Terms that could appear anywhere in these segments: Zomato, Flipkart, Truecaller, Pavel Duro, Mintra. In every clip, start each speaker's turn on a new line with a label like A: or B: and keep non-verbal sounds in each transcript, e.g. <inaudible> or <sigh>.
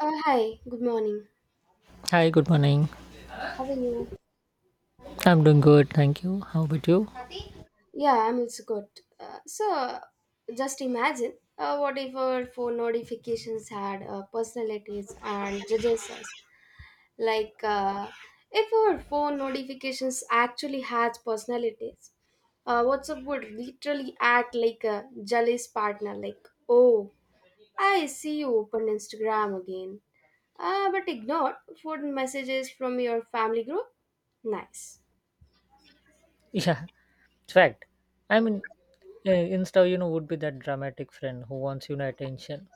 A: Hi, good morning.
B: Hi, good morning.
A: How are you?
B: I'm doing good, thank you. How about you?
A: Yeah, I'm also good. Uh, so, just imagine what if our phone notifications had personalities and judges us? Like, uh, if our phone notifications actually had personalities, WhatsApp would literally act like a jealous partner, like, oh, I see you opened Instagram again. But ignored food messages from your family group? Nice.
B: Yeah, it's fact. I mean, Insta, would be that dramatic friend who wants attention.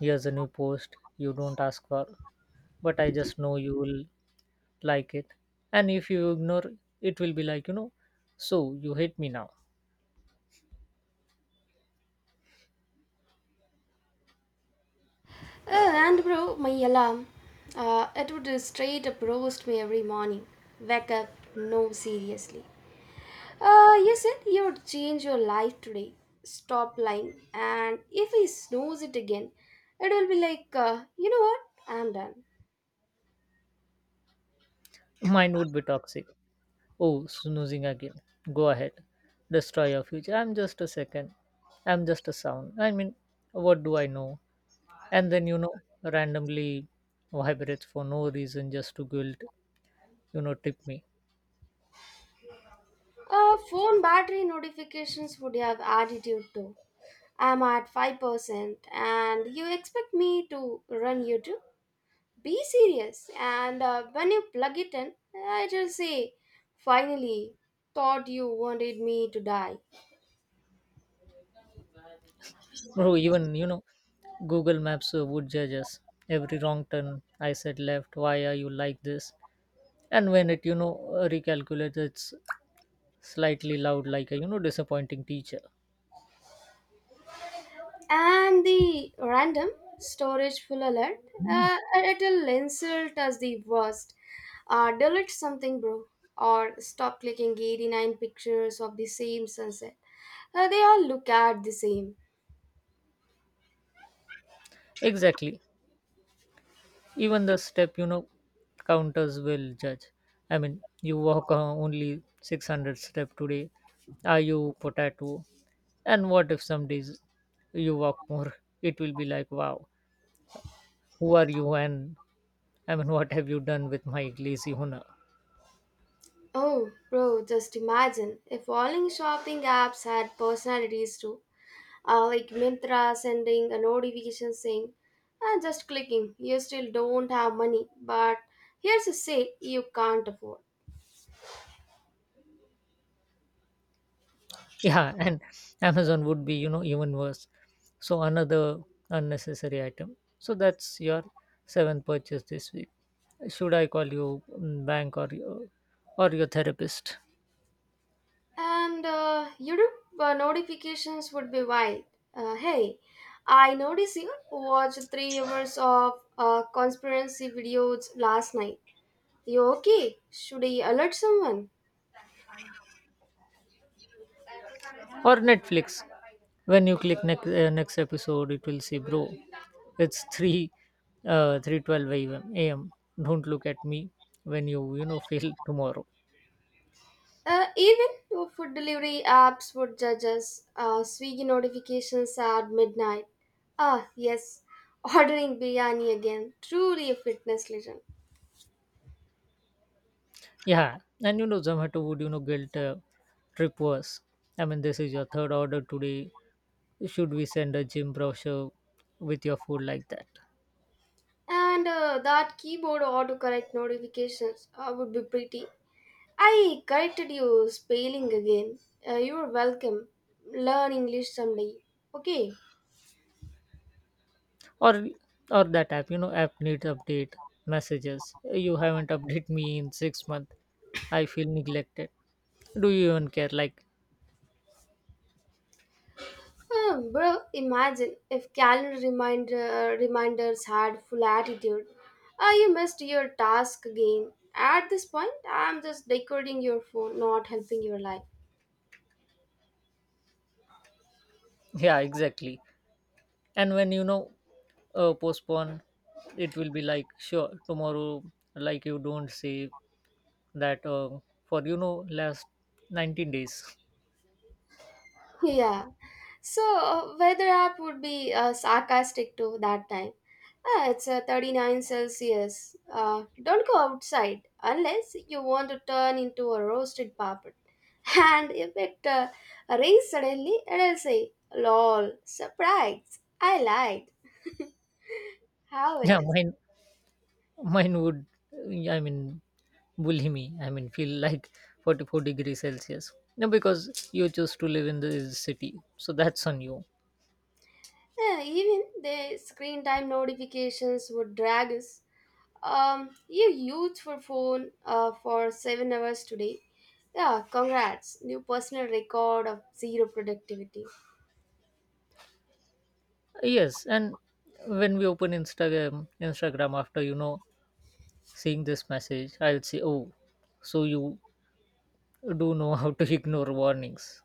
B: Here's a new post you don't ask for, but I just know you will like it. And if you ignore, it will be like so you hate me now.
A: And bro, my alarm. It would straight up roast me every morning. Wake up, no, seriously. You said you would change your life today. Stop lying. And if he snows it again, it will be like, you know what? I'm done.
B: Mine would be toxic. Oh, snoozing again. Go ahead, destroy your future. I'm just a second. I'm just a sound. I mean, what do I know? And then randomly vibrates for no reason just to guilt tip me.
A: Phone battery notifications would have attitude too. I'm at 5% and you expect me to run YouTube? Be serious, and when you plug it in I just say finally, thought you wanted me to die.
B: Bro, even Google Maps would judge us every wrong turn. I said left, why are you like this? And when it, recalculates, it's slightly loud like a, disappointing teacher.
A: And the random storage full alert, uh, it'll insult as the worst. Delete something, bro, or stop clicking 89 pictures of the same sunset. They all look at the same.
B: Exactly, even the step, counters will judge. I mean, you walk only 600 step today, are you potato? And what if some days you walk more? It will be like, wow, who are you? And I mean, what have you done with my lazy honor?
A: Oh bro, just imagine if all in shopping apps had personalities too, like Myntra sending a notification saying, and just clicking, you still don't have money, but here's a sale you can't afford.
B: Yeah, and Amazon would be, even worse. So another unnecessary item. So that's your seventh purchase this week. Should I call you bank, or your therapist?
A: And YouTube notifications would be wild. Hey, I noticed you watched 3 hours of conspiracy videos last night. You okay? Should I alert someone?
B: Or Netflix. When you click next episode, it will say, "Bro, it's three twelve a.m. Don't look at me when you know fail tomorrow."
A: Even food delivery apps would judge us. Swiggy notifications at midnight. Ah, yes, <laughs> ordering biryani again. Truly a fitness legend.
B: Yeah, and Zomato would, guilt trip worse. I mean, this is your third order today. Should we send a gym brochure with your food like that,
A: And that keyboard autocorrect notifications would be pretty. I corrected you spelling again. You're welcome. Learn English someday. Okay.
B: or or that app? You know, app needs update messages. You haven't updated me in 6 months. I feel neglected, do you even care, like.
A: Hmm, bro, imagine if calendar reminders had full attitude. Ah, you missed your task again. At this point, I'm just decoding your phone, not helping your life.
B: Yeah, exactly. And when, postpone, it will be like, sure tomorrow. Like you don't say that for, last 19 days. <laughs>
A: Yeah. So weather app would be sarcastic to that time. Ah, it's 39 Celsius. Don't go outside unless you want to turn into a roasted puppet. <laughs> And if it rains suddenly, it'll say, lol, surprise, I lied. <laughs> How it
B: Yeah,
A: is.
B: mine would, I mean, bully me. I mean, feel like 44 degrees Celsius. No, because you choose to live in the city, so that's on you.
A: Yeah, even the screen time notifications would drag us. You used your phone for 7 hours today. Yeah, congrats. New personal record of zero productivity.
B: Yes, and when we open Instagram after, seeing this message, I'll say, oh, so you do know how to <laughs> ignore warnings.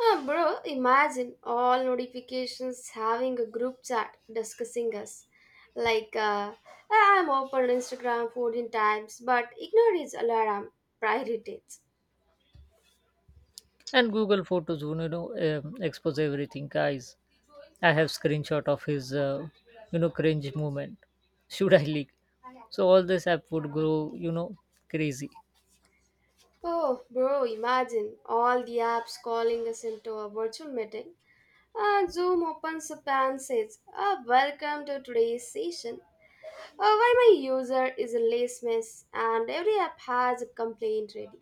A: Ah, bro, imagine all notifications having a group chat discussing us. Like, uh, I'm open Instagram 14 times, but ignore his alarm priorities.
B: And Google Photos, expose everything, guys. I have screenshot of his cringe moment. <laughs> Should I leak? So all this app would go, crazy.
A: Oh, bro, imagine all the apps calling us into a virtual meeting. And Zoom opens up and says, Welcome to today's session. Why my user is a lace mess and every app has a complaint ready.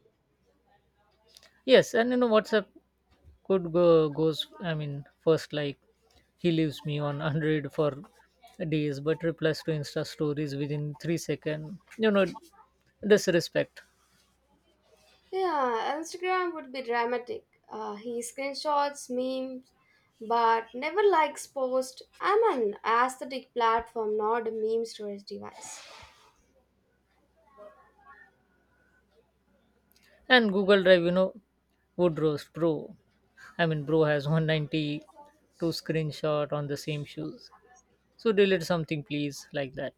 B: Yes, and WhatsApp could go goes, I mean, first, like, he leaves me on <laughs> 100 for days, but replies to Insta stories within 3 seconds. You know, disrespect.
A: Yeah, Instagram would be dramatic. He screenshots memes but never likes post. I'm an aesthetic platform, not a meme storage device.
B: And Google Drive, would roast, bro. I mean, bro has 192 screenshot on the same shoes, so delete something please, like that.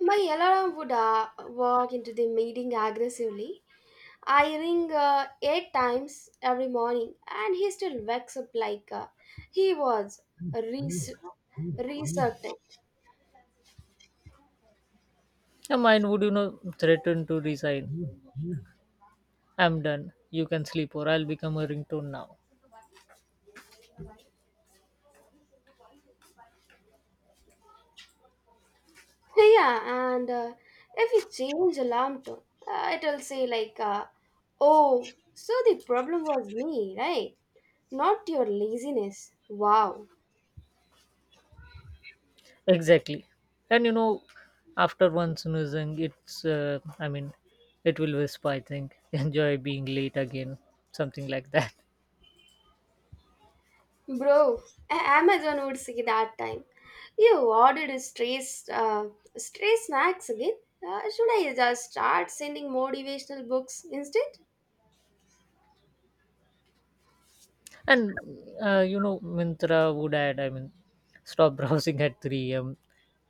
A: My alarm would walk into the meeting aggressively. I ring eight times every morning and he still wakes up like he was researching.
B: And mine would, threaten to resign. I'm done, you can sleep or I'll become a ringtone now.
A: Yeah, and if we change alarm tone, it'll say like, "Oh, so the problem was me, right? Not your laziness." Wow,
B: Exactly, and after one snoozing, it's I mean, it will whisper, I think, <laughs> enjoy being late again, something like that.
A: bro, Amazon would say that time. You ordered a stray, stray snacks again. Should I just start sending motivational books instead?
B: And Mintra would add, I mean, stop <laughs> browsing at 3 a.m.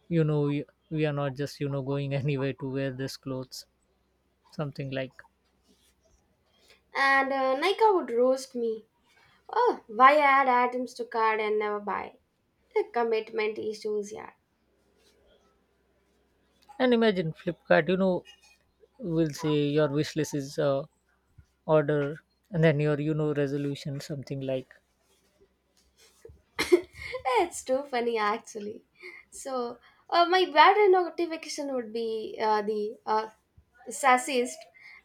B: You know, we are not just, going <laughs> anywhere to wear this clothes, something like.
A: And Nika would roast me. Oh, why add items to cart and never buy? The commitment issues, yeah.
B: And imagine Flipkart, will say your wish list is order, and then your, resolution, something like.
A: <laughs> It's too funny actually. So my bad notification would be the sassiest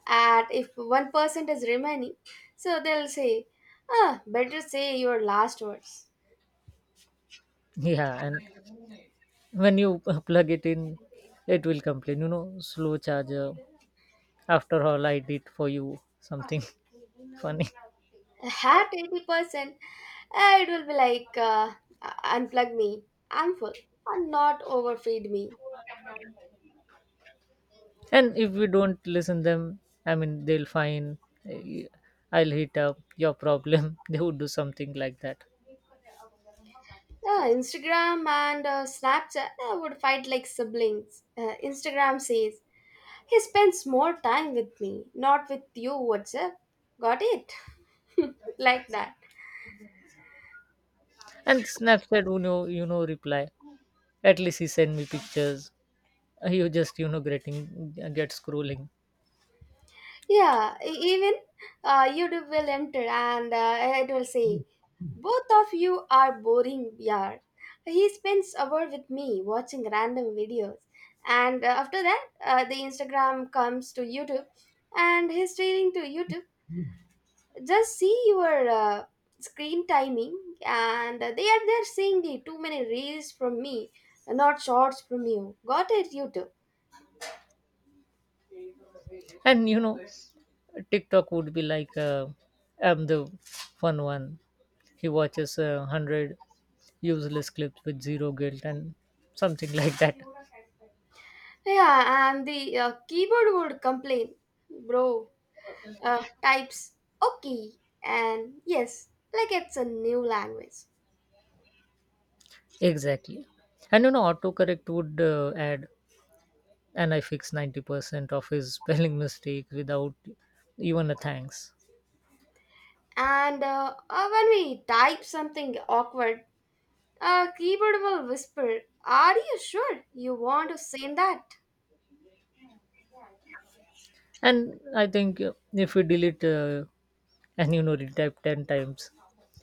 A: at if 1% is remaining, so they'll say, ah, better say your last words.
B: Yeah, and when you <laughs> plug it in, it will complain, you know, slow charger. After all, I did for you something <laughs> funny.
A: <laughs> At 80%, it will be like unplug me, I'm full, and not overfeed me.
B: And if we don't listen them, I mean, they'll find, eh, I'll hit up your problem. <laughs> They would do something like that.
A: Instagram and Snapchat would fight like siblings. Instagram says, He spends more time with me, not with you, WhatsApp. Got it? <laughs> Like that.
B: And Snapchat, you know, reply, at least he send me pictures. You just, you know, get scrolling.
A: Yeah, even YouTube will enter and it will say, Both of you are boring. Yeah, he spends hour with me watching random videos. And after that, the Instagram comes to YouTube and he's staring to YouTube, just see your screen timing, and they are there saying the too many reels from me, not shorts from you. Got it, you too?
B: And TikTok would be like, I'm the fun one, he watches 100 useless clips with zero guilt, and something <laughs> like that.
A: Yeah, and the keyboard would complain, bro types okay and yes like it's a new language.
B: Exactly, and autocorrect would add, and I fix 90% of his <laughs> spelling mistakes without even a thanks.
A: And when we type something awkward, keyboard will whisper, are you sure you want to send that?
B: And I think, if we delete and retype 10 times,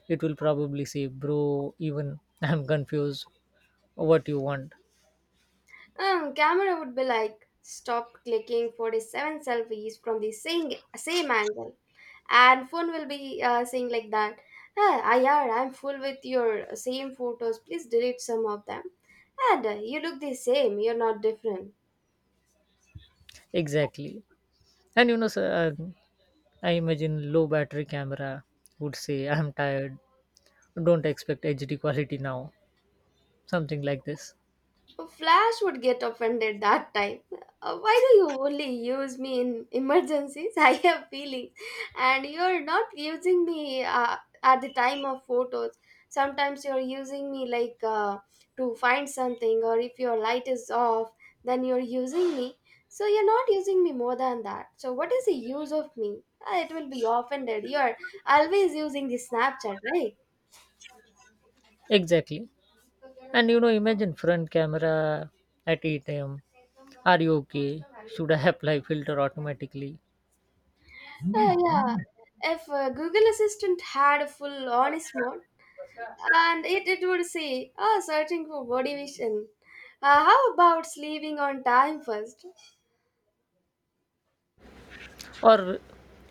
B: it will probably say, bro, even <laughs> I'm confused what you want.
A: Camera would be like stop clicking 47 selfies from the same angle, and phone will be saying like that. Ah, IR, I'm full with your same photos. Please delete some of them. And you look the same. You're not different.
B: Exactly. And you know, I imagine low battery camera would say, I'm tired, don't expect HD quality now, something like this.
A: Flash would get offended that time. Why do you only use me in emergencies? <laughs> I have feelings, and you're not using me at the time of photos. Sometimes you're using me like to find something, or if your light is off, then you're using me. So you're not using me more than that. So what is the use of me? It will be offended. You're always using the Snapchat, right?
B: Exactly. And you know, imagine front camera at 8 a.m. Are you okay? Should I <laughs> apply filter automatically?
A: Yeah. If Google Assistant had a full honest mode and it would say, oh, searching for motivation. How about sleeping on time first?
B: Or,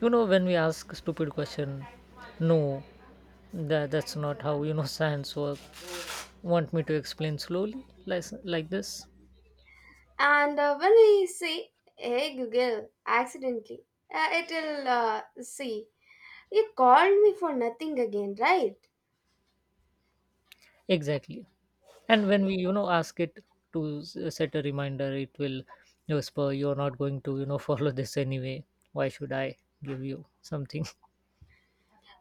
B: you know, when we ask stupid question, no, that's not how, you know, <laughs> science work. Want me to explain slowly like this?
A: And when we say, hey Google, accidentally, it'll say, you called me for nothing again, right?
B: Exactly. And when we, you know, ask it to set a reminder, it will whisper, you're not going to, you know, <laughs> follow this anyway. Why should I give you something? <laughs>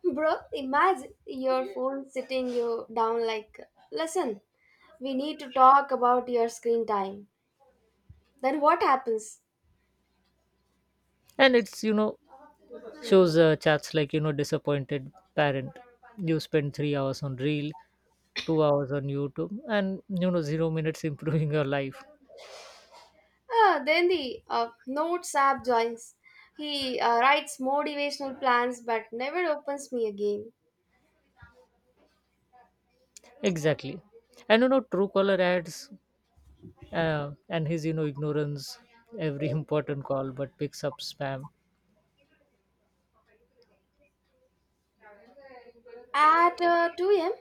A: Bro, imagine your phone sitting you down like, listen, we need to talk about your screen time. Then what happens?
B: And it's, you know, shows chats like, disappointed parent. You spend 3 hours on reel, 2 hours on YouTube, and 0 minutes <laughs> improving your life.
A: Then the notes app joins. He writes motivational plans but never opens me again.
B: Exactly, and true caller ads and his, ignorance, every <laughs> important call, but picks up spam.
A: At 2 a.m.,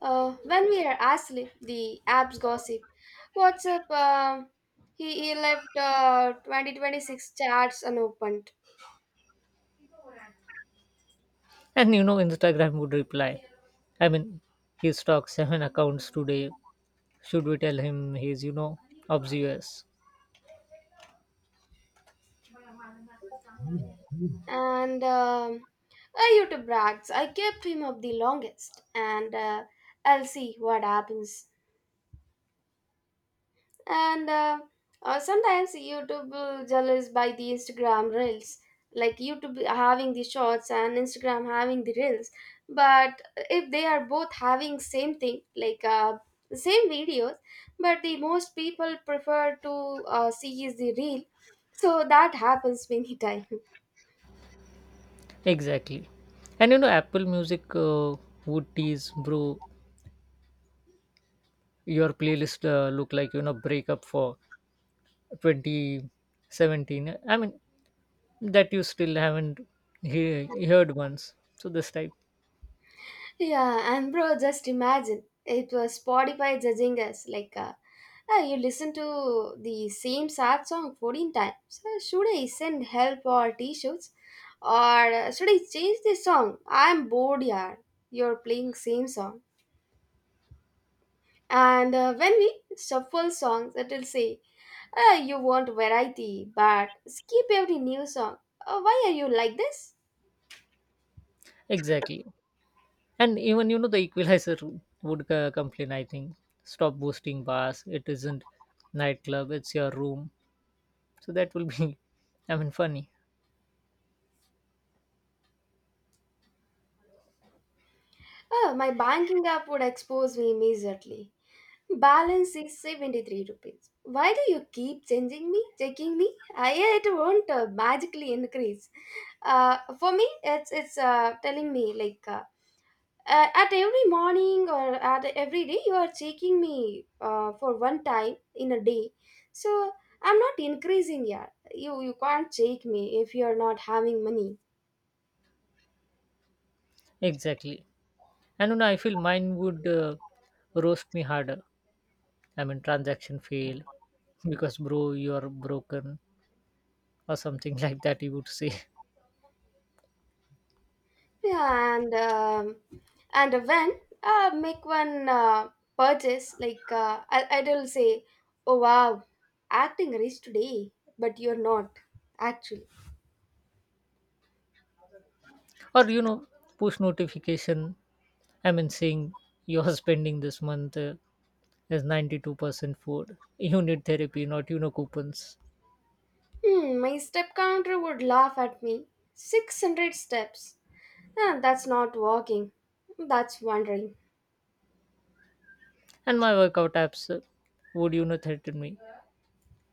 A: when we are asleep, the app's gossip. WhatsApp, he left 2026 chats unopened.
B: And Instagram would reply, I mean, he stocks seven <laughs> accounts today, should we tell him he's, obvious.
A: And I YouTube brags. I kept him up the longest. And I'll see what happens. And sometimes YouTube will jealous by the Instagram reels, like YouTube having the shorts and Instagram having the reels, but if they are both having same thing like the same videos, but the most people prefer to see is the reel, so that happens many <laughs> times.
B: Exactly, and Apple Music would tease, bro, your playlist look like, breakup for 2017, I mean, that you still haven't heard once, so this type.
A: Yeah, and bro, just imagine it was Spotify judging us like, "Ah, you listen to the same sad song 14 times. Should I send help or t-shirts, or should I change the song? I'm bored, yaar. You're playing same song, and when we shuffle songs, it'll say, "Ah, you want variety, but skip every new song. Why are you like this?
B: Exactly, and even the equalizer would complain, I think, stop boosting bars, it isn't nightclub, it's your room. So that will be <laughs> I mean, funny.
A: Oh, my banking app would expose me immediately. Balance is 73 rupees. Why do you keep changing me, checking me? I, it won't magically increase. For me, it's telling me like at every morning or at every day you are checking me for one time in a day. So I'm not increasing yet. You can't check me if you are not having money.
B: Exactly, and I feel mine would roast me harder. I mean, transaction fail, because bro you're broken, or something <laughs> like that, you would say.
A: Yeah, and when make one purchase, like uh, I'll say, oh wow, acting rich today, but you're not actually.
B: Or push notification, I mean, saying you're spending this month is 92% food. <laughs> You need therapy, not, coupons.
A: Hmm, my step counter would laugh at me. 600 steps. Ah, that's not walking. That's wandering.
B: And my workout apps would, threaten me.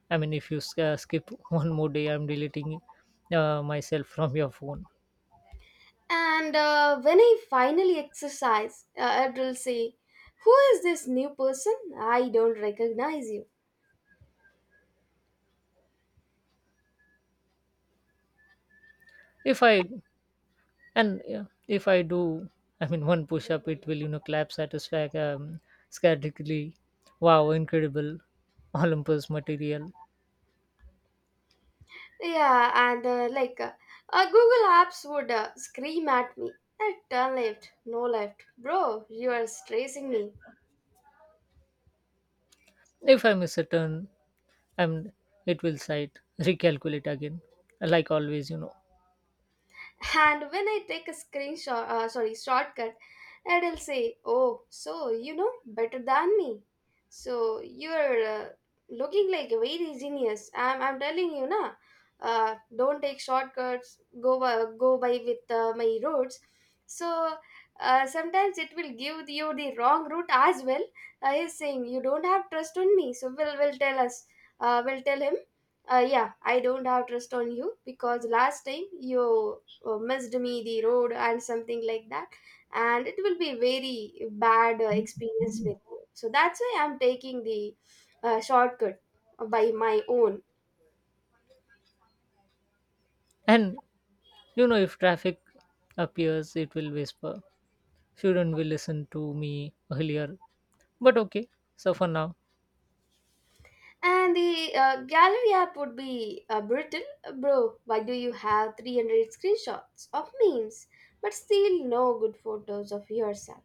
B: I mean, if you skip <laughs> one more day, I'm deleting myself <laughs> from your phone.
A: And when I finally exercise, it will say, "Who is this new person? I don't recognize you."
B: if i and uh, if I do, I mean, one push up, it will, clap satisfaction, scatically, wow, incredible, <laughs> olympus material.
A: Yeah, and Google Apps would scream at me. Turn left, no left. Bro, you are stressing me.
B: If I miss a turn, I'm, it will sight, recalculate again, like always, you know.
A: And when I take a screenshot , sorry, shortcut, it'll say oh so you know better than me, so you're looking like a very genius. I'm telling you na, don't take shortcuts. Go by with my roads. So sometimes it will give you the wrong route as well. He's saying you don't have trust on me, so we'll, will tell us, we'll tell him, yeah I don't have trust on you because last time you missed me the road and something like that, and it will be very bad experience with you, so that's why I'm taking the shortcut by my own.
B: And you know, if traffic appears, it will whisper, shouldn't we listen to me earlier, but okay. So for now,
A: And the gallery app would be brittle, bro, why do you have 300 screenshots of memes but still no good photos of yourself?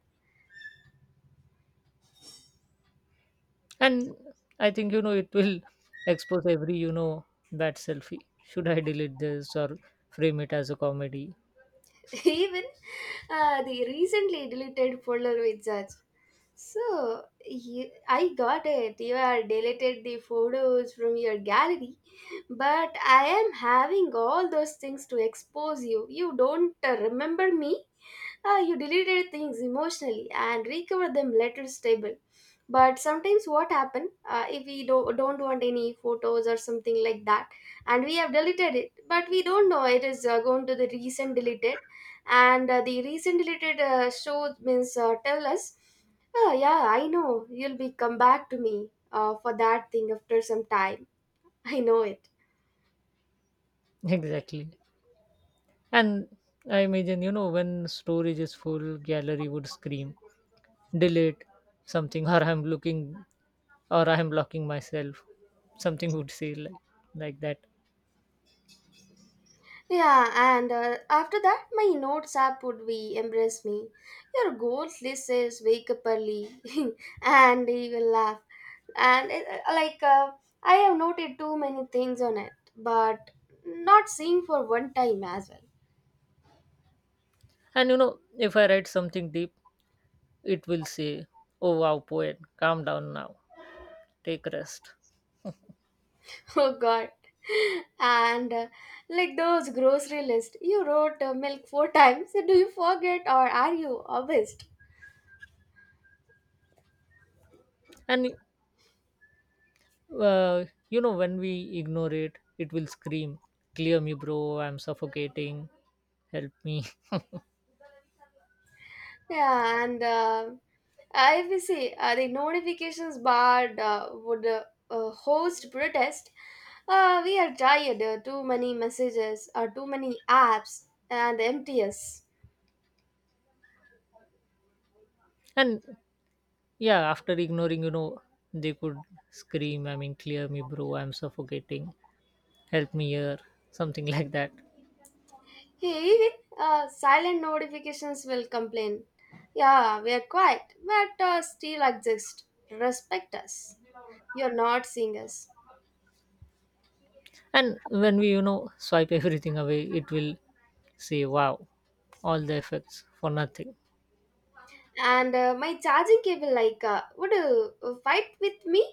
B: and I think it will expose every, bad selfie. Should I delete this or frame it as a comedy?
A: <laughs> Even the recently deleted folder with such. So you, I got it. You are deleted the photos from your gallery, but I am having all those things to expose you. You don't remember me? Ah, you deleted things emotionally and recovered them later stable. But sometimes what happen, if we don't want any photos or something like that, and we have deleted it but we don't know it is going to the recent deleted, and the recent deleted show means tell us, oh yeah, I know you'll be come back to me for that thing after some time. <laughs> I know it.
B: <laughs> Exactly. And I imagine, you know, when storage is full, gallery would scream, delete something, or I'm looking, or I'm blocking myself. Something would say like that.
A: Yeah, and after that, my notes app would be embrace me. Your goals list says wake up early, <laughs> and he will laugh. And it, like I have noted too many things on it, but not seeing for one time as well. <laughs>
B: And you know, if I write something deep, it will say, oh wow, poet, calm down now, take rest.
A: Oh God! And like those grocery list, you wrote milk four <laughs> times. Do you forget or are you obsessed?
B: And uh, you know, when we ignore it, it will scream, clear me, bro, I'm suffocating, help me. <laughs>
A: Yeah, and I will say the notifications bar would host protest. We are tired. Too many messages, too many apps, and MTS.
B: And yeah, after ignoring, you know, they could scream, I mean, clear me, bro, I'm suffocating, help me here, something <laughs> like that.
A: Hey, even silent notifications will complain. Yeah, we are quiet, but still exist. Respect us. You are not seeing us.
B: And when we, you know, swipe everything away, it will say, wow, all the effects for nothing.
A: And my charging cable, like, would fight with me.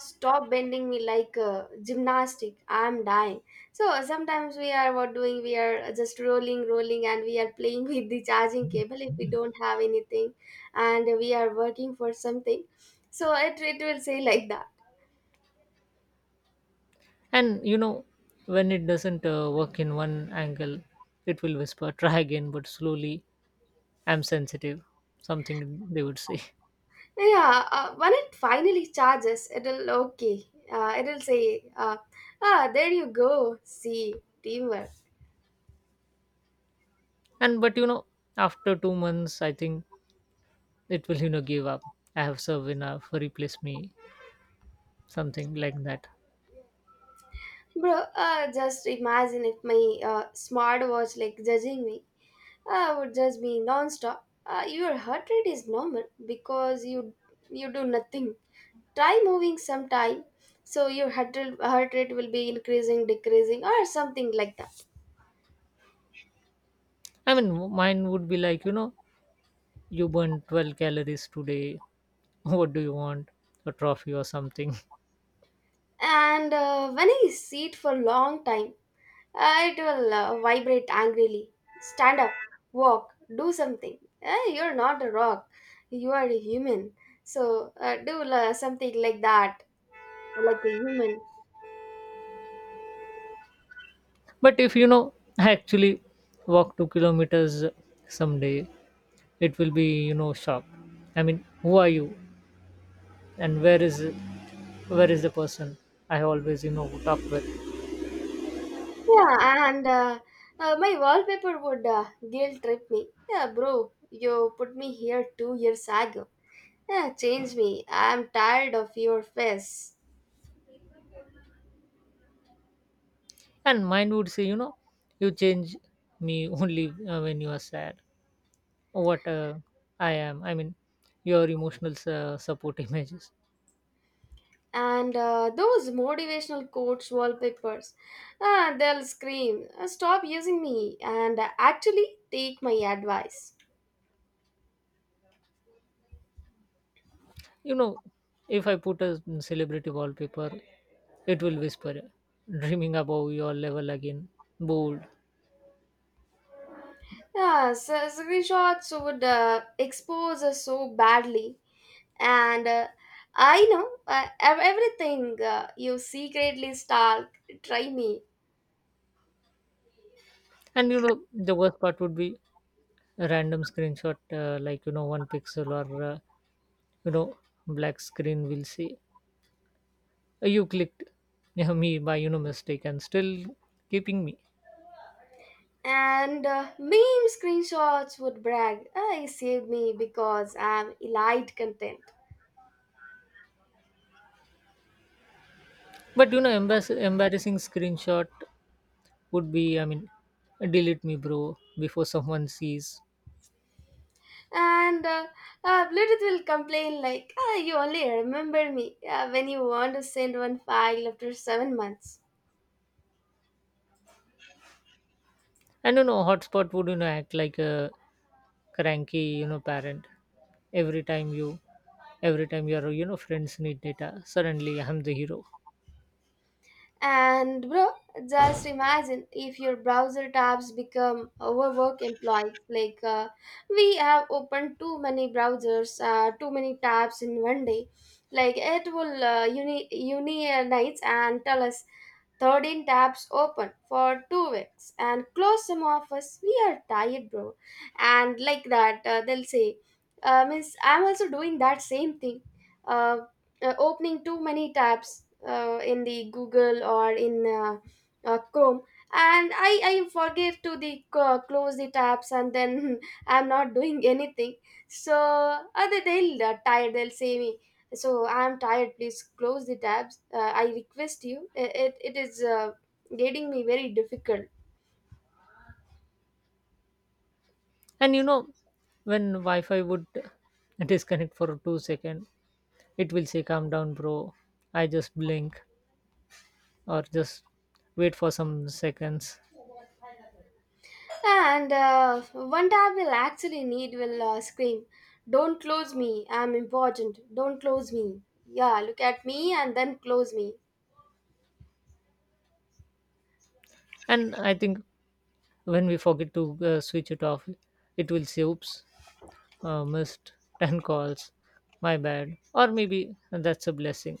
A: Stop bending me like gymnastic. I'm dying. So sometimes we are what doing? We are just rolling, and we are playing <laughs> with the charging cable if we don't have anything, and we are working for something. So it will say like that.
B: And, you know, when it doesn't work in one angle, it will whisper, try again, but slowly, I'm sensitive, something they would say. <laughs>
A: Yeah, when it finally charges, it'll okay. It'll say, ah, there you go. See teamwork.
B: And, but, you know, after 2 months, I think it will, you know, give up. I have served enough, replace me, something like that.
A: Bro, just imagine if my smart watch like judging me would judge me non-stop. Your heart rate is normal because you do nothing. Try moving sometime, so your heart rate will be increasing, decreasing, or something like that.
B: I mean, mine would be like, you know, you burned 12 calories today, <laughs> what do you want, a trophy or something?
A: And when I sit for long time, it will vibrate angrily. Stand up, walk, do something. Eh, you're not a rock. You are a human. So do something like that, like a human.
B: <laughs> But if you know, I actually walk 2 kilometers someday, it will be, you know, shock, I mean, who are you, and where is the person I always, you know, talk with.
A: Yeah, and my wallpaper would guilt trip me. Yeah, bro, you put me here 2 years ago. Yeah, change me. I'm tired of your face.
B: And mine would say, you know, you change me <laughs> only when you are sad. What I am, I mean, your emotional support <laughs> images.
A: And those motivational quotes wallpapers, ah, they'll scream, stop using me and actually take my advice.
B: You know, if I put a celebrity wallpaper, it will whisper, dreaming above your level again, bold.
A: Yeah, so screenshots would expose us so badly, and I know, everything you secretly stalk, try me.
B: And you know, the worst part would be a random screenshot, like, you know, one pixel, or you know, black screen will say, you clicked yeah, me by, you know, mistake, and still keeping me."
A: And meme screenshots would brag, I saved me because I'm elite content.
B: But you know, embarrassing screenshot would be, I mean, delete me, bro, before someone sees.
A: And Bluetooth will complain like, "Ah, you only remember me when you want to send one file after 7 months."
B: I don't know, hotspot would, you know, act like a cranky, you know, parent. Every time you, every time your, you know, friends need data, suddenly I'm the hero.
A: And bro, just imagine if your browser tabs become overwork employees. Like we have opened too many browsers, too many tabs in one day. Like it will unionize and tell us, 13 tabs open for 2 weeks and close some of us. We are tired, bro. And like that, they'll say, Miss, I'm also doing that same thing. Uh, Opening too many tabs in the Google or in Chrome. And I forget to the close the tabs, and then <laughs> I'm not doing anything. So other they'll tired. They'll say me, so I'm tired, please close the tabs, I request you. It is getting me very difficult.
B: And, you know, when Wi-Fi would <laughs> disconnect for 2 seconds, it will say, calm down, bro. I just blink, or just wait for some seconds.
A: And one tab will actually need will scream, don't close me, I'm important, don't close me. Yeah, look at me and then close me.
B: And I think when we forget to switch it off, it will say, oops, missed <laughs> 10 calls. My bad. Or maybe that's a blessing.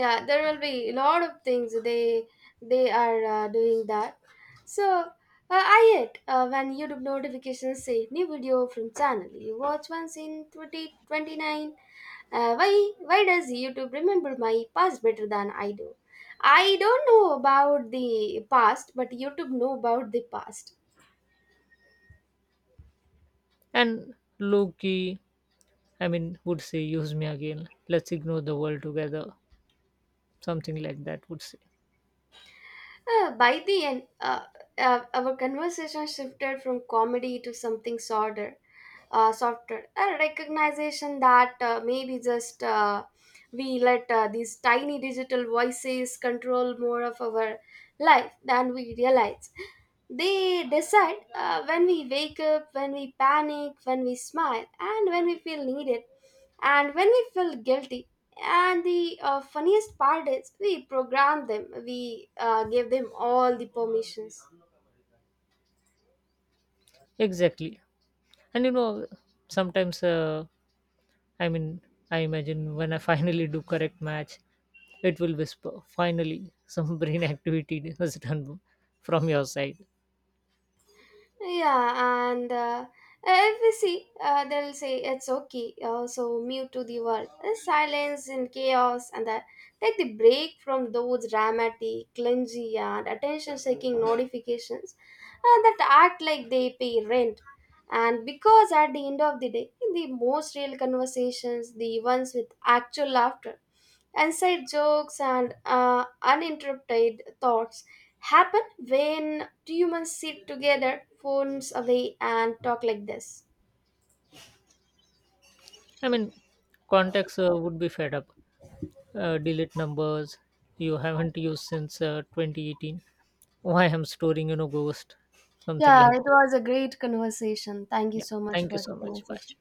A: Yeah, there will be a lot of things they are doing that. So I hate when YouTube notifications say, new video from channel you watch once in 2029. Why does YouTube remember my past better than I do? I don't know about the past, but YouTube know about the past.
B: And Loki, I mean, would say, use me again, let's ignore the world together. Something like that would say.
A: By the end, our conversation shifted from comedy to something sadder. Software a recognition that maybe just we let these tiny digital voices control more of our life than we realize. They decide when we wake up, when we panic, when we smile, and when we feel needed, and when we feel guilty. And the funniest part is, we program them, we give them all the permissions.
B: Exactly. And you know, sometimes, I mean, I imagine when I <laughs> finally do correct match, it will whisper, finally, some <laughs> brain activity was done from your side.
A: Yeah, and if we see, they'll say, it's okay. So mute to the world, uh, silence and chaos, and that take the break from those dramatic, clumsy, and attention-seeking notifications that act like they pay rent. And because at the end of the day, the most real conversations, the ones with actual laughter, inside jokes, and uninterrupted thoughts, happen when do you must sit together, phones away, and talk like this?
B: I mean, contacts would be fed up. Delete numbers you haven't used since 2018. Why I'm storing, you know, ghost, something
A: Yeah,
B: like.
A: it was a great conversation. Thank you
B: Yeah.
A: so much
B: Thank you
A: for the
B: so much. Bye.
A: conversation.